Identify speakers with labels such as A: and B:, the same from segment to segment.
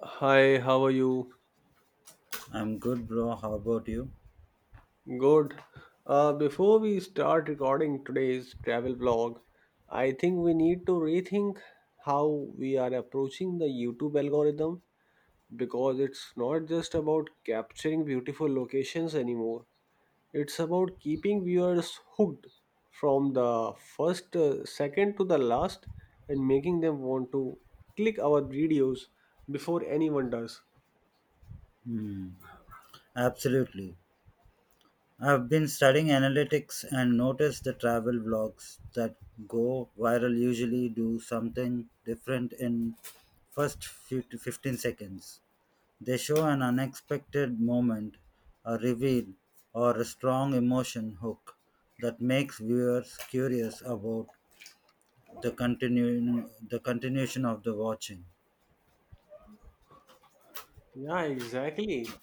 A: Hi, how are you?
B: I'm good, bro. How about you?
A: Good. Before we start recording today's travel vlog, I think we need to rethink how we are approaching the YouTube algorithm because it's not just about capturing beautiful locations anymore. It's about keeping viewers hooked from the first second to the last and making them want to click our videos before anyone does.
B: Hmm. Absolutely. I've been studying analytics and noticed the travel blogs that go viral usually do something different in first few to 15 seconds. They show an unexpected moment, a reveal, or a strong emotion hook that makes viewers curious about the continuation of the watching.
A: Yeah, exactly.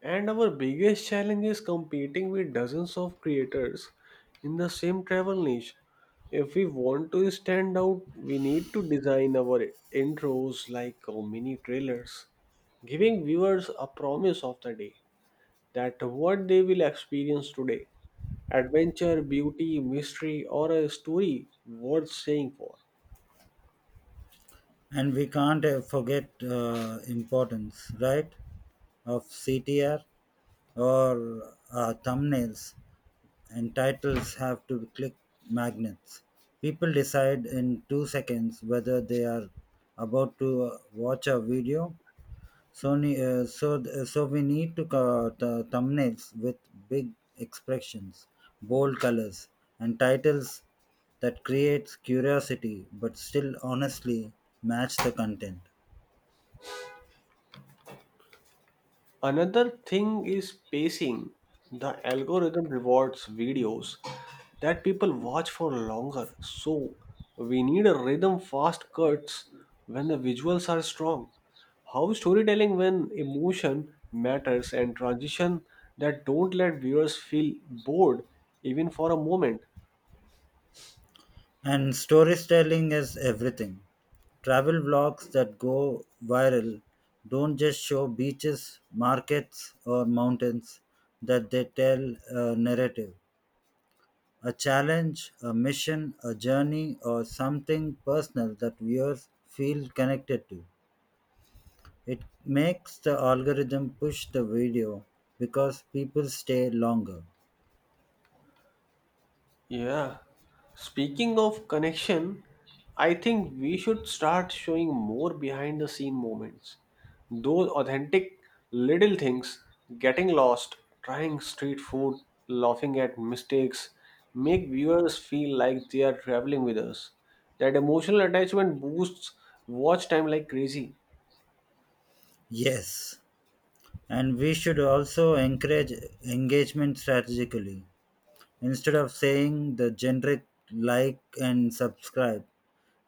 A: And our biggest challenge is competing with dozens of creators in the same travel niche. If we want to stand out, we need to design our intros like mini trailers, giving viewers a promise of the day that what they will experience today: adventure, beauty, mystery, or a story worth staying for.
B: And we can't forget importance, right? Of CTR or thumbnails and titles have to be click magnets. People decide in 2 seconds whether they are about to watch a video. Sony, so we need to thumbnails with big expressions, bold colors, and titles that creates curiosity but still honestly match the content.
A: Another thing is pacing. The algorithm rewards videos that people watch for longer. So we need a rhythm, fast cuts when the visuals are strong. How storytelling when emotion matters, and transition that don't let viewers feel bored even for a moment.
B: And storytelling is everything. Travel vlogs that go viral don't just show beaches, markets, or mountains, that they tell a narrative, a challenge, a mission, a journey, or something personal that viewers feel connected to. It makes the algorithm push the video because people stay longer.
A: Yeah. Speaking of connection, I think we should start showing more behind the scene moments. Those authentic little things, getting lost, trying street food, laughing at mistakes, make viewers feel like they are traveling with us. That emotional attachment boosts watch time like crazy.
B: Yes, and we should also encourage engagement strategically. Instead of saying the generic like and subscribe,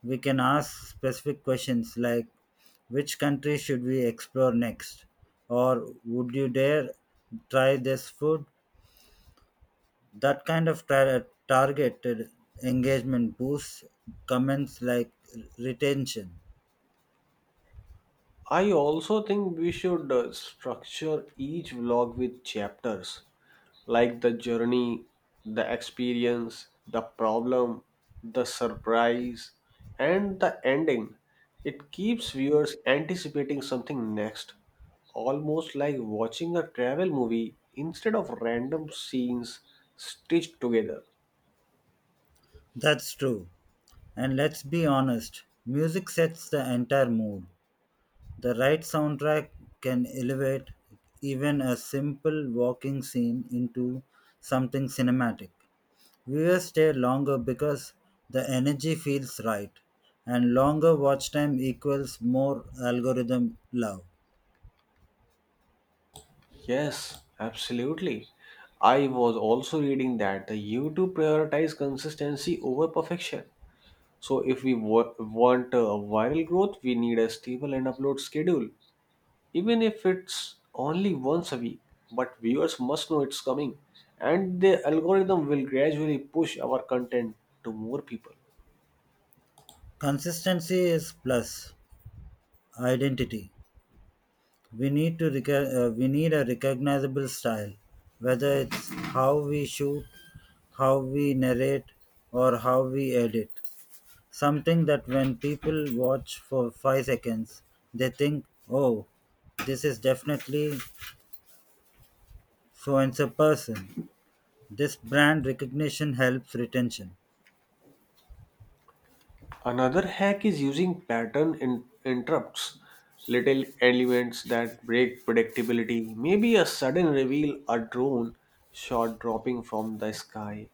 B: we can ask specific questions like which country should we explore next? Or would you dare try this food? That kind of targeted engagement boosts comments like retention.
A: I also think we should structure each vlog with chapters like the journey, the experience, the problem, the surprise, and the ending. It keeps viewers anticipating something next, almost like watching a travel movie instead of random scenes stitched together.
B: That's true. And let's be honest, music sets the entire mood. The right soundtrack can elevate even a simple walking scene into something cinematic. Viewers stay longer because the energy feels right, and longer watch time equals more algorithm love.
A: Yes, absolutely. I was also reading that the YouTube prioritize consistency over perfection. So if want viral growth, we need a stable and upload schedule, even if it's only once a week. But viewers must know it's coming, and the algorithm will gradually push our content to more people.
B: Consistency is plus identity. We need a recognizable style, whether it's how we shoot, how we narrate, or how we edit. Something that when people watch for 5 seconds, they think, oh, this is definitely so and so person. This brand recognition helps retention.
A: Another hack is using interrupts, little elements that break predictability. Maybe a sudden reveal, a drone shot dropping from the sky,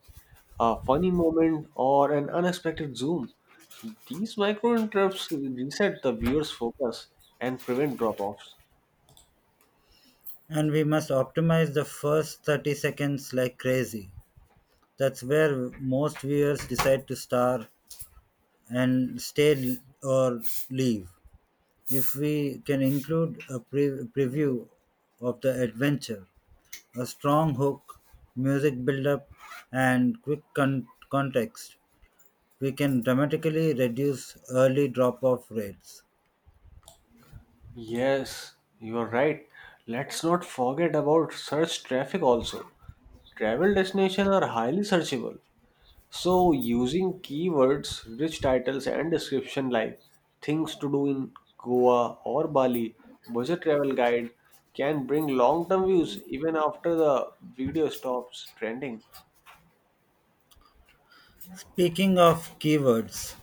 A: a funny moment, or an unexpected zoom. These micro interrupts reset the viewer's focus and prevent drop offs.
B: And we must optimize the first 30 seconds like crazy. That's where most viewers decide to star and stay or leave. If we can include a preview of the adventure, a strong hook, music buildup, and quick context. We can dramatically reduce early drop off rates.
A: Yes, you are right. Let's not forget about search traffic also. Travel destinations are highly searchable. So, using keywords, rich titles, and description like things to do in Goa or Bali, budget travel guide, can bring long term views even after the video stops trending.
B: Speaking of keywords,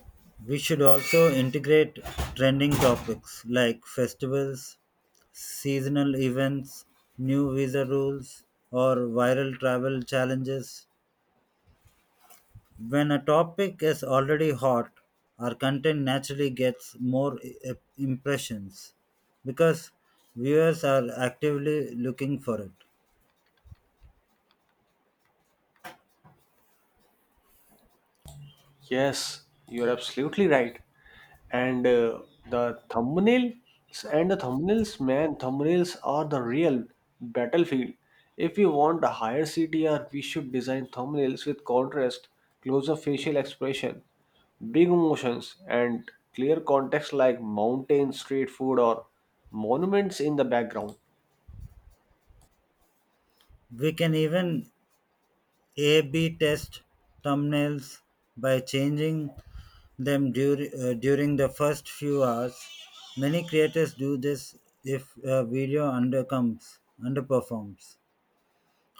B: we should also integrate trending topics like festivals, seasonal events, new visa rules, or viral travel challenges. When a topic is already hot, our content naturally gets more impressions because viewers are actively looking for it.
A: Yes, you're absolutely right. and The thumbnail, and the thumbnails, man, thumbnails are the real battlefield. If we want a higher CTR, we should design thumbnails with contrast, closer facial expression, big emotions, and clear context like mountains, street food, or monuments in the background.
B: We can even A B test thumbnails by changing them during the first few hours. Many creators do this if a video undercomes, underperforms.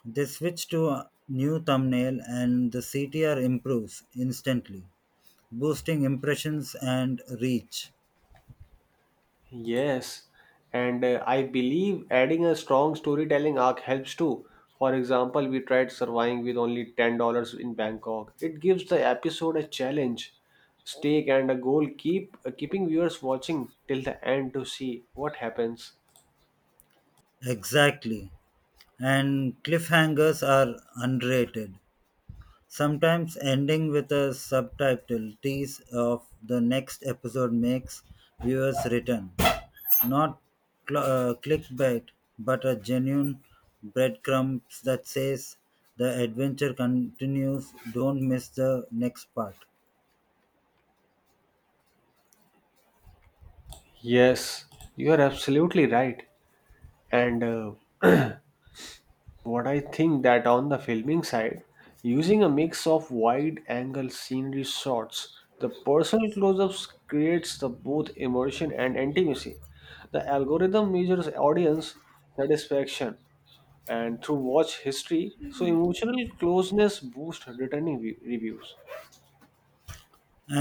B: They switch to a new thumbnail and the CTR improves instantly, boosting impressions and reach.
A: Yes, and I believe adding a strong storytelling arc helps too. For example, we tried surviving with only $10 in Bangkok. It gives the episode a challenge, stake, and a goal, keeping viewers watching till the end to see what happens.
B: Exactly. And cliffhangers are underrated, sometimes ending with a subtitle tease of the next episode makes viewers return. Not clickbait, but a genuine breadcrumbs that says the adventure continues, don't miss the next part.
A: Yes, you are absolutely right. And What I think that on the filming side, using a mix of wide angle scenery shots, the personal close ups creates the both immersion and intimacy. The algorithm measures audience satisfaction and through watch history, so emotional closeness boosts returning view- reviews.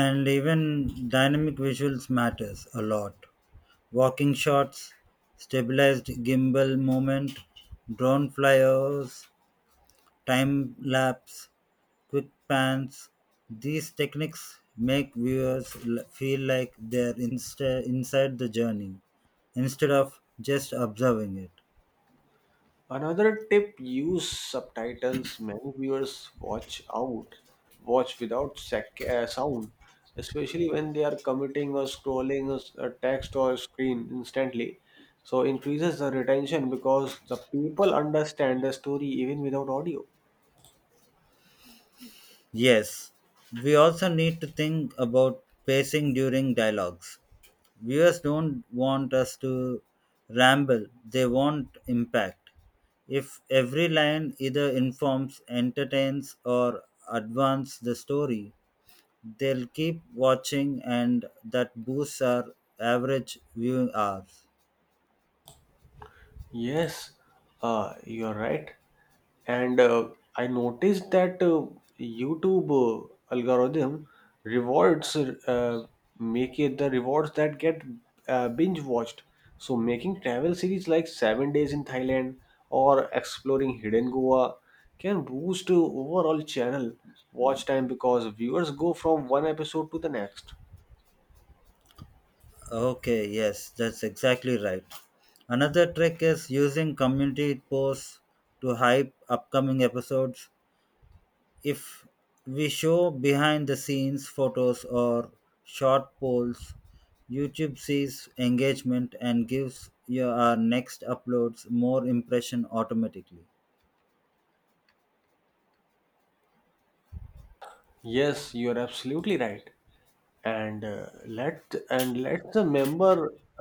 B: And even dynamic visuals matters a lot, walking shots, stabilized gimbal movement, drone flyovers, time lapse, quick pans. These techniques make viewers feel like they're inside the journey instead of just observing it.
A: Another tip use subtitles. Many viewers watch out, watch without sec- sound, especially when they are commuting or scrolling a s- a text or screen instantly. So increases the retention because the people understand the story even without audio.
B: Yes, we also need to think about pacing during dialogues. Viewers don't want us to ramble, they want impact. If every line either informs, entertains, or advances the story, they'll keep watching and that boosts our average viewing hours.
A: Yes, you're right. And I noticed that YouTube algorithm rewards make it the rewards that get binge watched. So making travel series like Seven Days in Thailand or Exploring Hidden Goa can boost overall channel watch time because viewers go from one episode to the next.
B: Okay, yes, that's exactly right. Another trick is using community posts to hype upcoming episodes. If we show behind the scenes photos or short polls, YouTube sees engagement and gives your our next uploads more impression automatically.
A: Yes, you're absolutely right. and let and let the member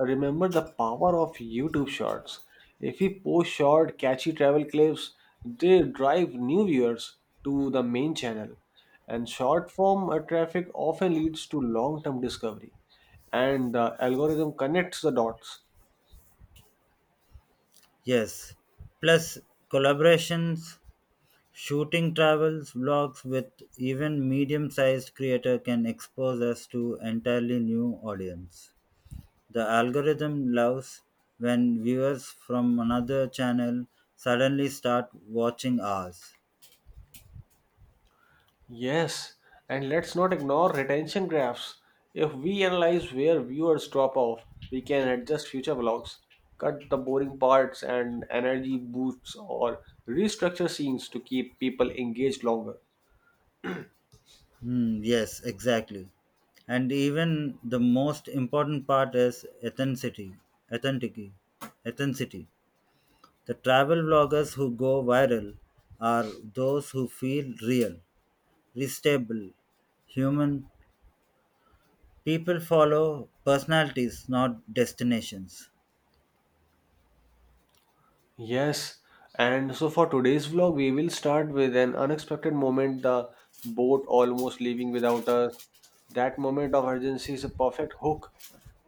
A: remember the power of YouTube Shorts. If we post short, catchy travel clips, they drive new viewers to the main channel, and short form traffic often leads to long term discovery, and the algorithm connects the dots.
B: Yes. Plus collaborations, shooting travels, vlogs with even medium-sized creator can expose us to entirely new audience. The algorithm loves when viewers from another channel suddenly start watching ours.
A: Yes, and let's not ignore retention graphs. If we analyze where viewers drop off, we can adjust future vlogs, cut the boring parts and energy boosts, or restructure scenes to keep people engaged longer.
B: Hmm, yes, exactly. And even the most important part is authenticity. Authenticity. Authenticity. The travel vloggers who go viral are those who feel real, restable, human. People follow personalities, not destinations.
A: Yes, and so for today's vlog, we will start with an unexpected moment the boat almost leaving without us. That moment of urgency is a perfect hook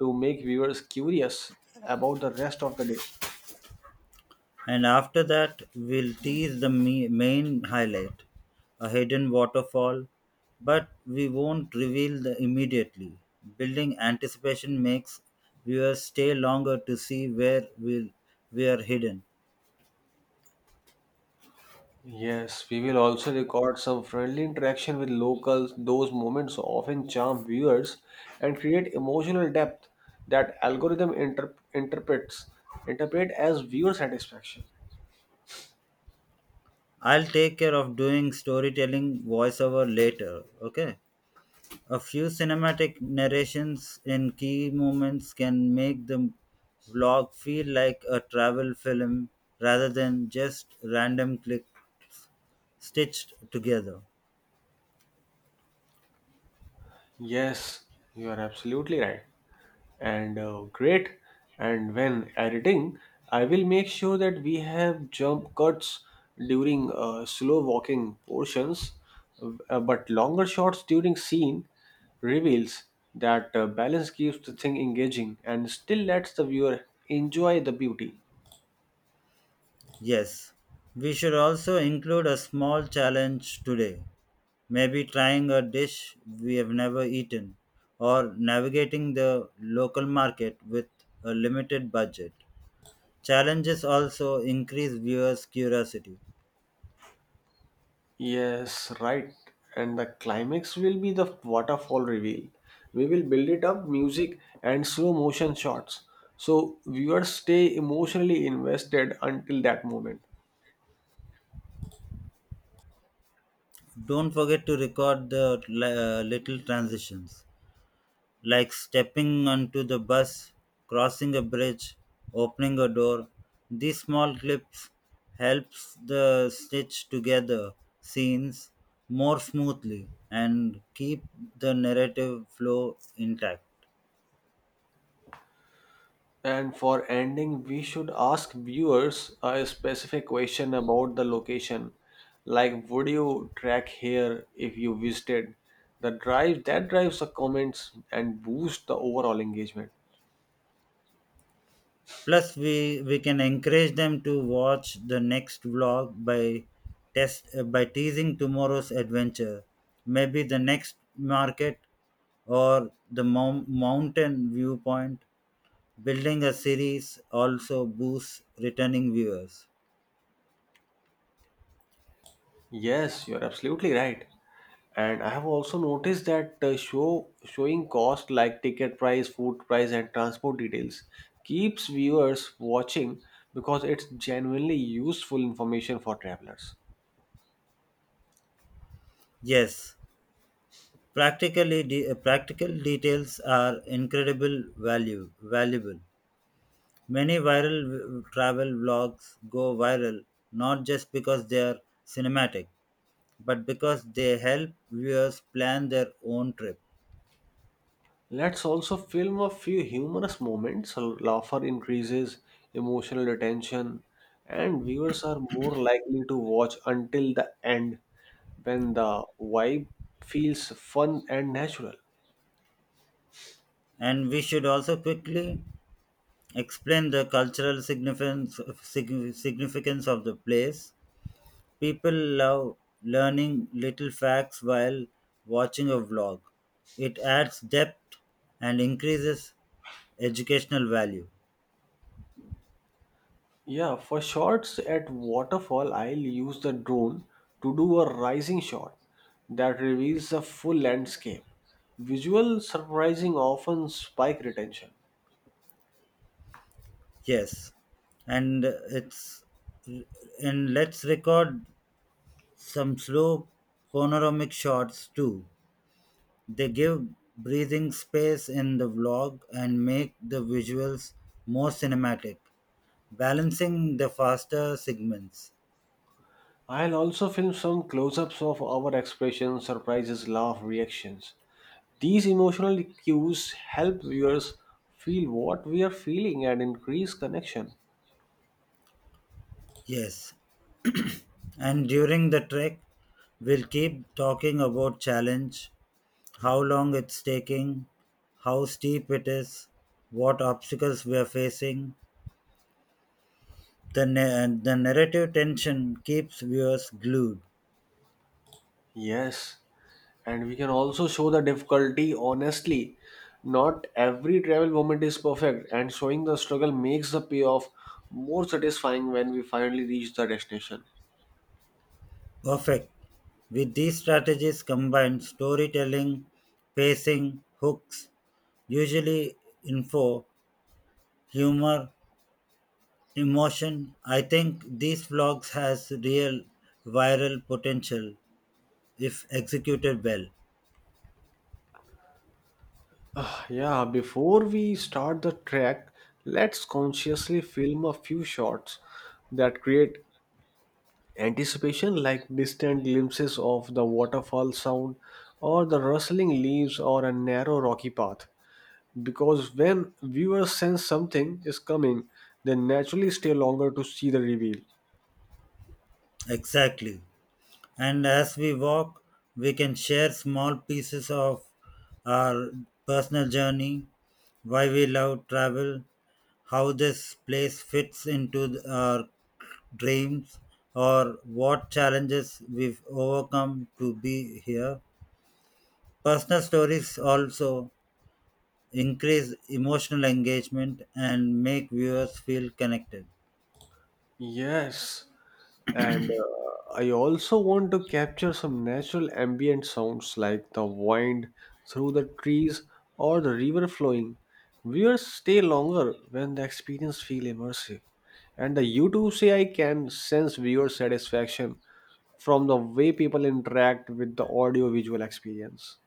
A: to make viewers curious about the rest of the day.
B: And after that, we'll tease the main highlight, a hidden waterfall, but we won't reveal the immediately. Building anticipation makes viewers stay longer to see we are hidden.
A: Yes, we will also record some friendly interaction with locals. Those moments often charm viewers and create emotional depth that algorithm interp- interprets interpret as viewer satisfaction.
B: I'll take care of doing storytelling voiceover later, okay? A few cinematic narrations in key moments can make the vlog feel like a travel film rather than just random click stitched together.
A: Yes, you are absolutely right. And great. And when editing, I will make sure that we have jump cuts during slow walking portions, but longer shots during scene reveals. That balance keeps the thing engaging and still lets the viewer enjoy the beauty.
B: Yes, we should also include a small challenge today. Maybe trying a dish we have never eaten or navigating the local market with a limited budget. Challenges also increase viewers' curiosity.
A: Yes, right. And the climax will be the waterfall reveal. We will build it up, music and slow motion shots, so viewers stay emotionally invested until that moment.
B: Don't forget to record the little transitions, like stepping onto the bus, crossing a bridge, opening a door. These small clips helps the stitch together scenes more smoothly and keep the narrative flow intact.
A: And for ending, we should ask viewers a specific question about the location. Like, would you track here if you visited? The drive that drives the comments and boosts the overall engagement.
B: Plus, we can encourage them to watch the next vlog by test by teasing tomorrow's adventure, maybe the next market or the mountain viewpoint. Building a series also boosts returning viewers.
A: Yes, you're absolutely right. And I have also noticed that showing cost like ticket price, food price, and transport details keeps viewers watching because it's genuinely useful information for travelers.
B: Yes, practical details are incredible value valuable. Many viral travel vlogs go viral not just because they are cinematic, but because they help viewers plan their own trip.
A: Let's also film a few humorous moments, so laughter increases emotional attention and viewers are more likely to watch until the end when the vibe feels fun and natural.
B: And we should also quickly explain the cultural significance significance of the place. People love learning little facts while watching a vlog. It adds depth and increases educational value.
A: Yeah, for shots at waterfall, I'll use the drone to do a rising shot that reveals a full landscape. Visual surprising often spike retention.
B: Yes, and it's and let's record some slow panoramic shots too. They give breathing space in the vlog and make the visuals more cinematic, balancing the faster segments.
A: I'll also film some close ups of our expressions, surprises, laugh, reactions. These emotional cues help viewers feel what we are feeling and increase connection.
B: Yes, and during the trek, we'll keep talking about challenge, how long it's taking, how steep it is, what obstacles we are facing. The narrative tension keeps viewers glued.
A: Yes, and we can also show the difficulty honestly. Not every travel moment is perfect, and showing the struggle makes the payoff more satisfying when we finally reach the destination.
B: Perfect. With these strategies combined, storytelling, pacing, hooks, usually info, humor, emotion, I think these vlogs has real viral potential if executed well.
A: Yeah, before we start the trek, let's consciously film a few shots that create anticipation, like distant glimpses of the waterfall sound, or the rustling leaves, or a narrow rocky path. Because when viewers sense something is coming, they naturally stay longer to see the reveal.
B: Exactly. And as we walk, we can share small pieces of our personal journey, why we love travel, how this place fits into our dreams, or what challenges we've overcome to be here. Personal stories also increase emotional engagement and make viewers feel connected.
A: Yes, and I also want to capture some natural ambient sounds like the wind through the trees or the river flowing. Viewers stay longer when the experience feel immersive. And the YouTube CI can sense viewer satisfaction from the way people interact with the audio visual experience.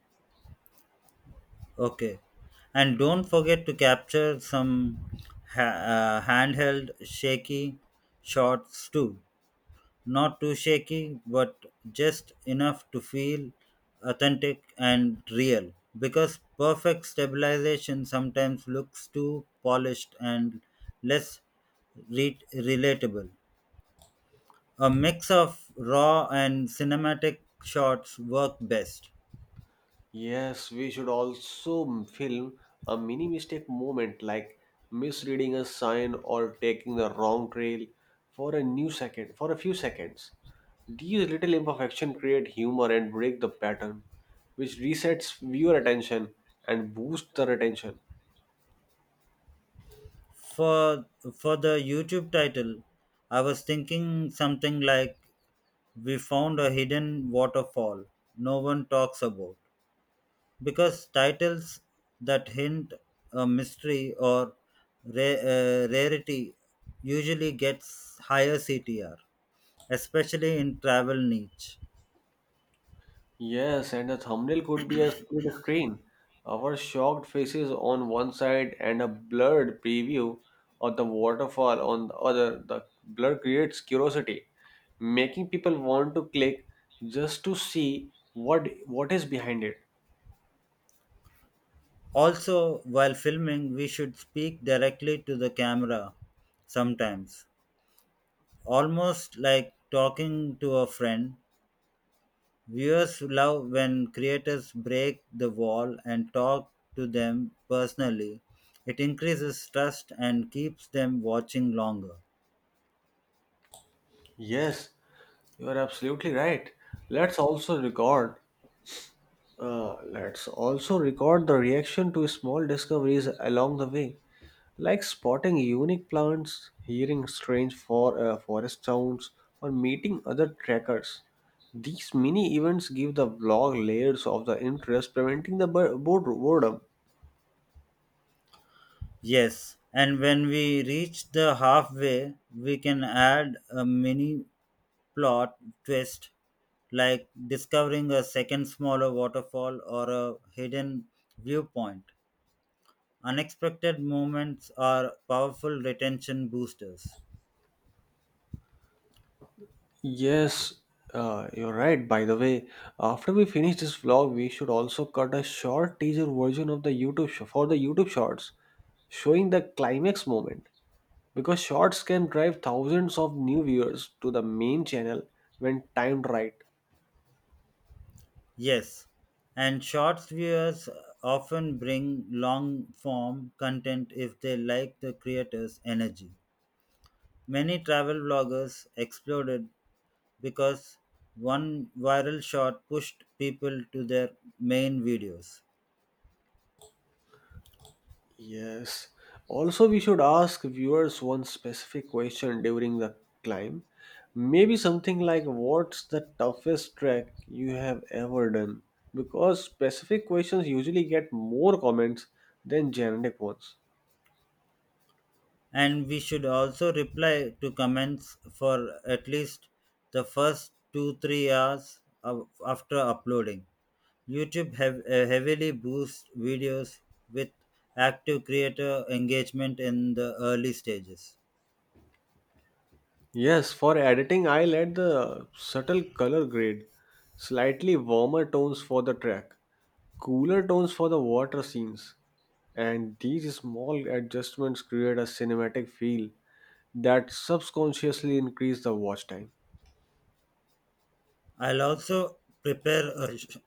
B: Okay. And don't forget to capture some handheld shaky shots too. Not too shaky, but just enough to feel authentic and real. Because perfect stabilization sometimes looks too polished and less relatable. A mix of raw and cinematic shots work best.
A: Yes, we should film a mini mistake moment like misreading a sign or taking the wrong trail for a few seconds. These little imperfections create humor and break the pattern, which resets viewer attention and boosts the retention.
B: for for the YouTube title, I was thinking something like, we found a hidden waterfall no one talks about, because titles that hint a mystery or rarity usually gets higher CTR, especially in travel niche.
A: Yes, and the thumbnail could be a split screen. Our shocked faces on one side and a blurred preview of the waterfall on the other. The blur creates curiosity, making people want to click just to see what is behind it.
B: Also, while filming, we should speak directly to the camera sometimes, almost like talking to a friend. Viewers love when creators break the wall and talk to them personally. It increases trust and keeps them watching longer.
A: Yes, you are absolutely right. Let's also record. Let's also record the reaction to small discoveries along the way, like spotting unique plants, hearing forest sounds, or meeting other trekkers. These mini events give the vlog layers of the interest, preventing the boredom.
B: Yes, and when we reach the halfway, we can add a mini plot twist like discovering a second smaller waterfall or a hidden viewpoint. Unexpected moments are powerful retention boosters.
A: Yes, you're right. By the way, after we finish this vlog, we should also cut a short teaser version of the YouTube Shorts, showing the climax moment. Because shorts can drive thousands of new viewers to the main channel when timed right.
B: Yes, and short viewers often bring long form content if they like the creator's energy. Many travel vloggers exploded because one viral shot pushed people to their main videos.
A: Yes. Also, we should ask viewers one specific question during the climb. Maybe something like, what's the toughest trek you have ever done? Because specific questions usually get more comments than generic ones.
B: And we should also reply to comments for at least the first 2-3 hours of, after uploading. YouTube have heavily boosts videos with active creator engagement in the early stages.
A: Yes, for editing, I'll add the subtle color grade, slightly warmer tones for the track, cooler tones for the water scenes, and these small adjustments create a cinematic feel that subconsciously increase the watch time.
B: I'll also prepare a,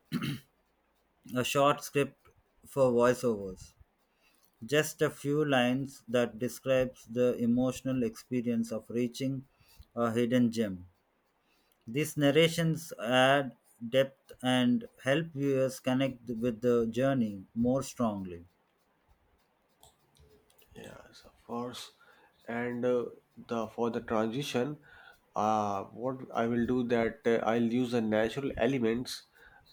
B: a short script for voiceovers, just a few lines that describes the emotional experience of reaching a hidden gem. These narrations add depth and help viewers connect with the journey more strongly.
A: Yes, of course. And the for the transition, what I will do that I'll use the natural elements,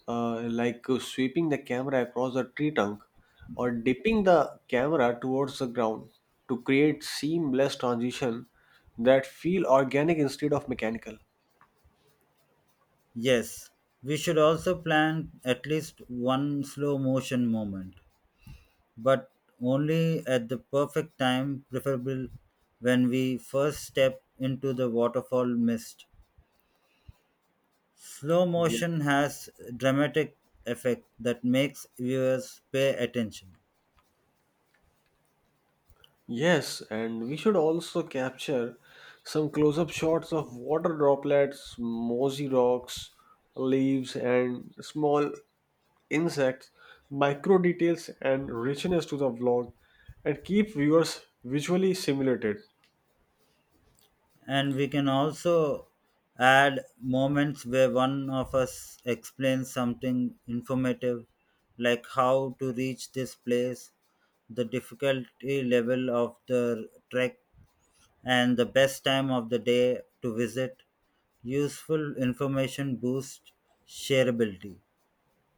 A: like sweeping the camera across the tree trunk or dipping the camera towards the ground to create seamless transition that feel organic instead of mechanical.
B: Yes, we should also plan at least one slow motion moment, but only at the perfect time, preferable when we first step into the waterfall mist. Slow motion has dramatic effect that makes viewers pay attention.
A: Yes, and we should also capture some close up shots of water droplets, mossy rocks, leaves, and small insects. Micro details, and richness to the vlog, and keep viewers visually stimulated.
B: And we can also add moments where one of us explains something informative, like how to reach this place, the difficulty level of the trek, and the best time of the day to visit. Useful information boosts shareability.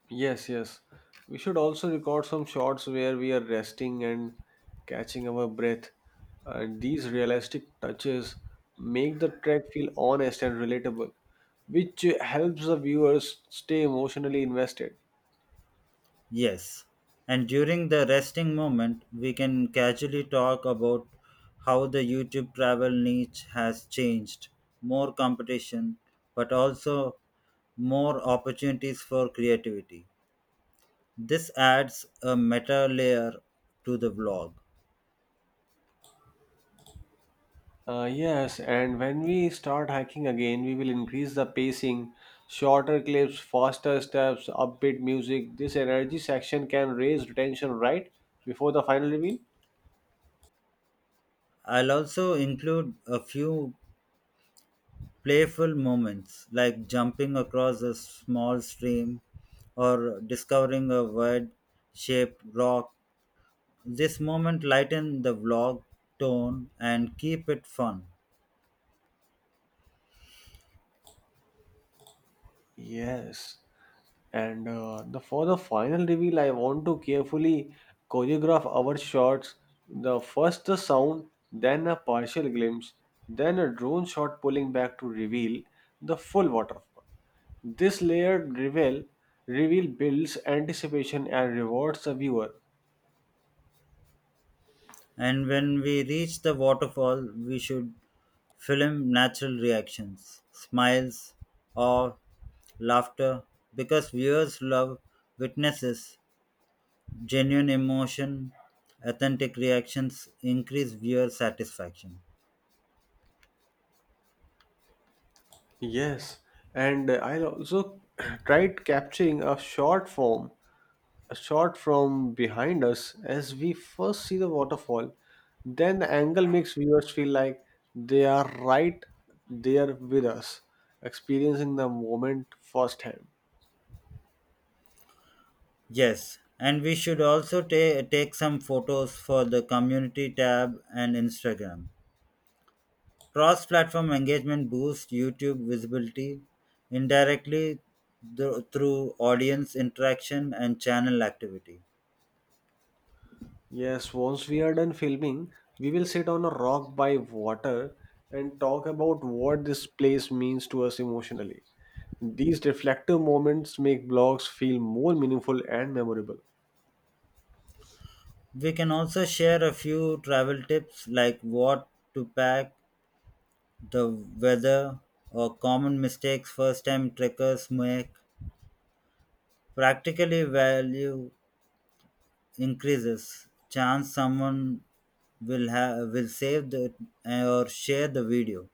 A: Yes, yes. We should also record some shots where we are resting and catching our breath. And these realistic touches make the trek feel honest and relatable, which helps the viewers stay emotionally invested.
B: Yes. And during the resting moment, we can casually talk about how the YouTube travel niche has changed, more competition, but also more opportunities for creativity. This adds a meta layer to the vlog.
A: Yes, and when we start hiking again, we will increase the pacing, shorter clips, faster steps, upbeat music. This energy section can raise retention right before the final reveal.
B: I'll also include a few playful moments like jumping across a small stream or discovering a wide shaped rock. This moment lighten the vlog tone and keep it fun.
A: Yes. And the for the final reveal, I want to carefully choreograph our shots. The first the sound, then a partial glimpse, then a drone shot pulling back to reveal the full waterfall. This layered reveal builds anticipation and rewards the viewer.
B: And when we reach the waterfall, we should film natural reactions, smiles, or laughter, because viewers love witnesses genuine emotion. Authentic reactions increase viewer satisfaction.
A: Yes, and I also tried capturing a short form a shot from behind us as we first see the waterfall. Then the angle makes viewers feel like they are right there with us, experiencing the moment firsthand.
B: Yes, and we should also take some photos for the community tab and Instagram. Cross-platform engagement boosts YouTube visibility indirectly through audience interaction and channel activity.
A: Yes, once we are done filming, we will sit on a rock by water and talk about what this place means to us emotionally. These reflective moments make blogs feel more meaningful and memorable.
B: We can also share a few travel tips like what to pack, the weather, or common mistakes first time trekkers make. Practically, value increases. Chance someone will save the or share the video.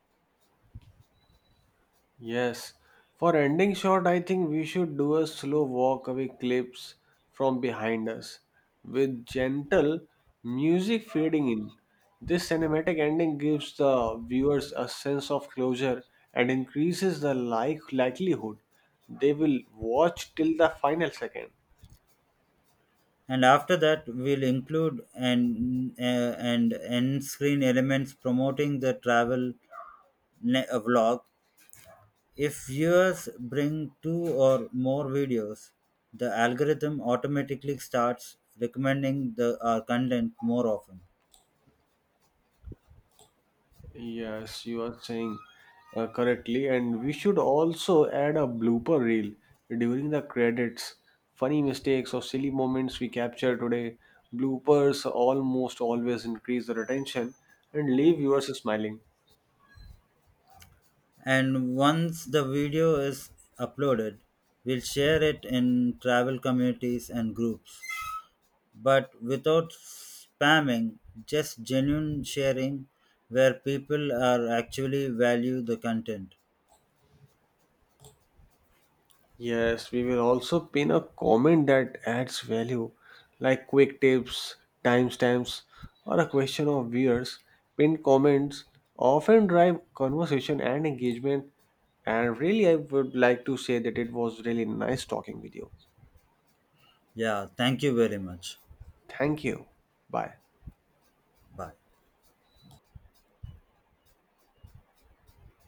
A: Yes. For ending shot, I think we should do a slow walk away clips from behind us with gentle music fading in. This cinematic ending gives the viewers a sense of closure and increases the likelihood they will watch till the final second.
B: And after that, we'll include an and end screen elements promoting the travel vlog. If viewers bring two or more videos, the algorithm automatically starts recommending the our content more often.
A: Yes, you are saying correctly, and we should also add a blooper reel during the credits. Funny mistakes or silly moments we capture today. Bloopers almost always increase the retention and leave viewers smiling.
B: And once the video is uploaded, we'll share it in travel communities and groups, but without spamming, just genuine sharing where people are actually value the content.
A: Yes, we will also pin a comment that adds value, like quick tips, timestamps, or a question of viewers. Pinned comments often drive conversation and engagement, and really, I would like to say that it was really nice talking with you.
B: Yeah, thank you very much.
A: Thank you. Bye.
B: Bye.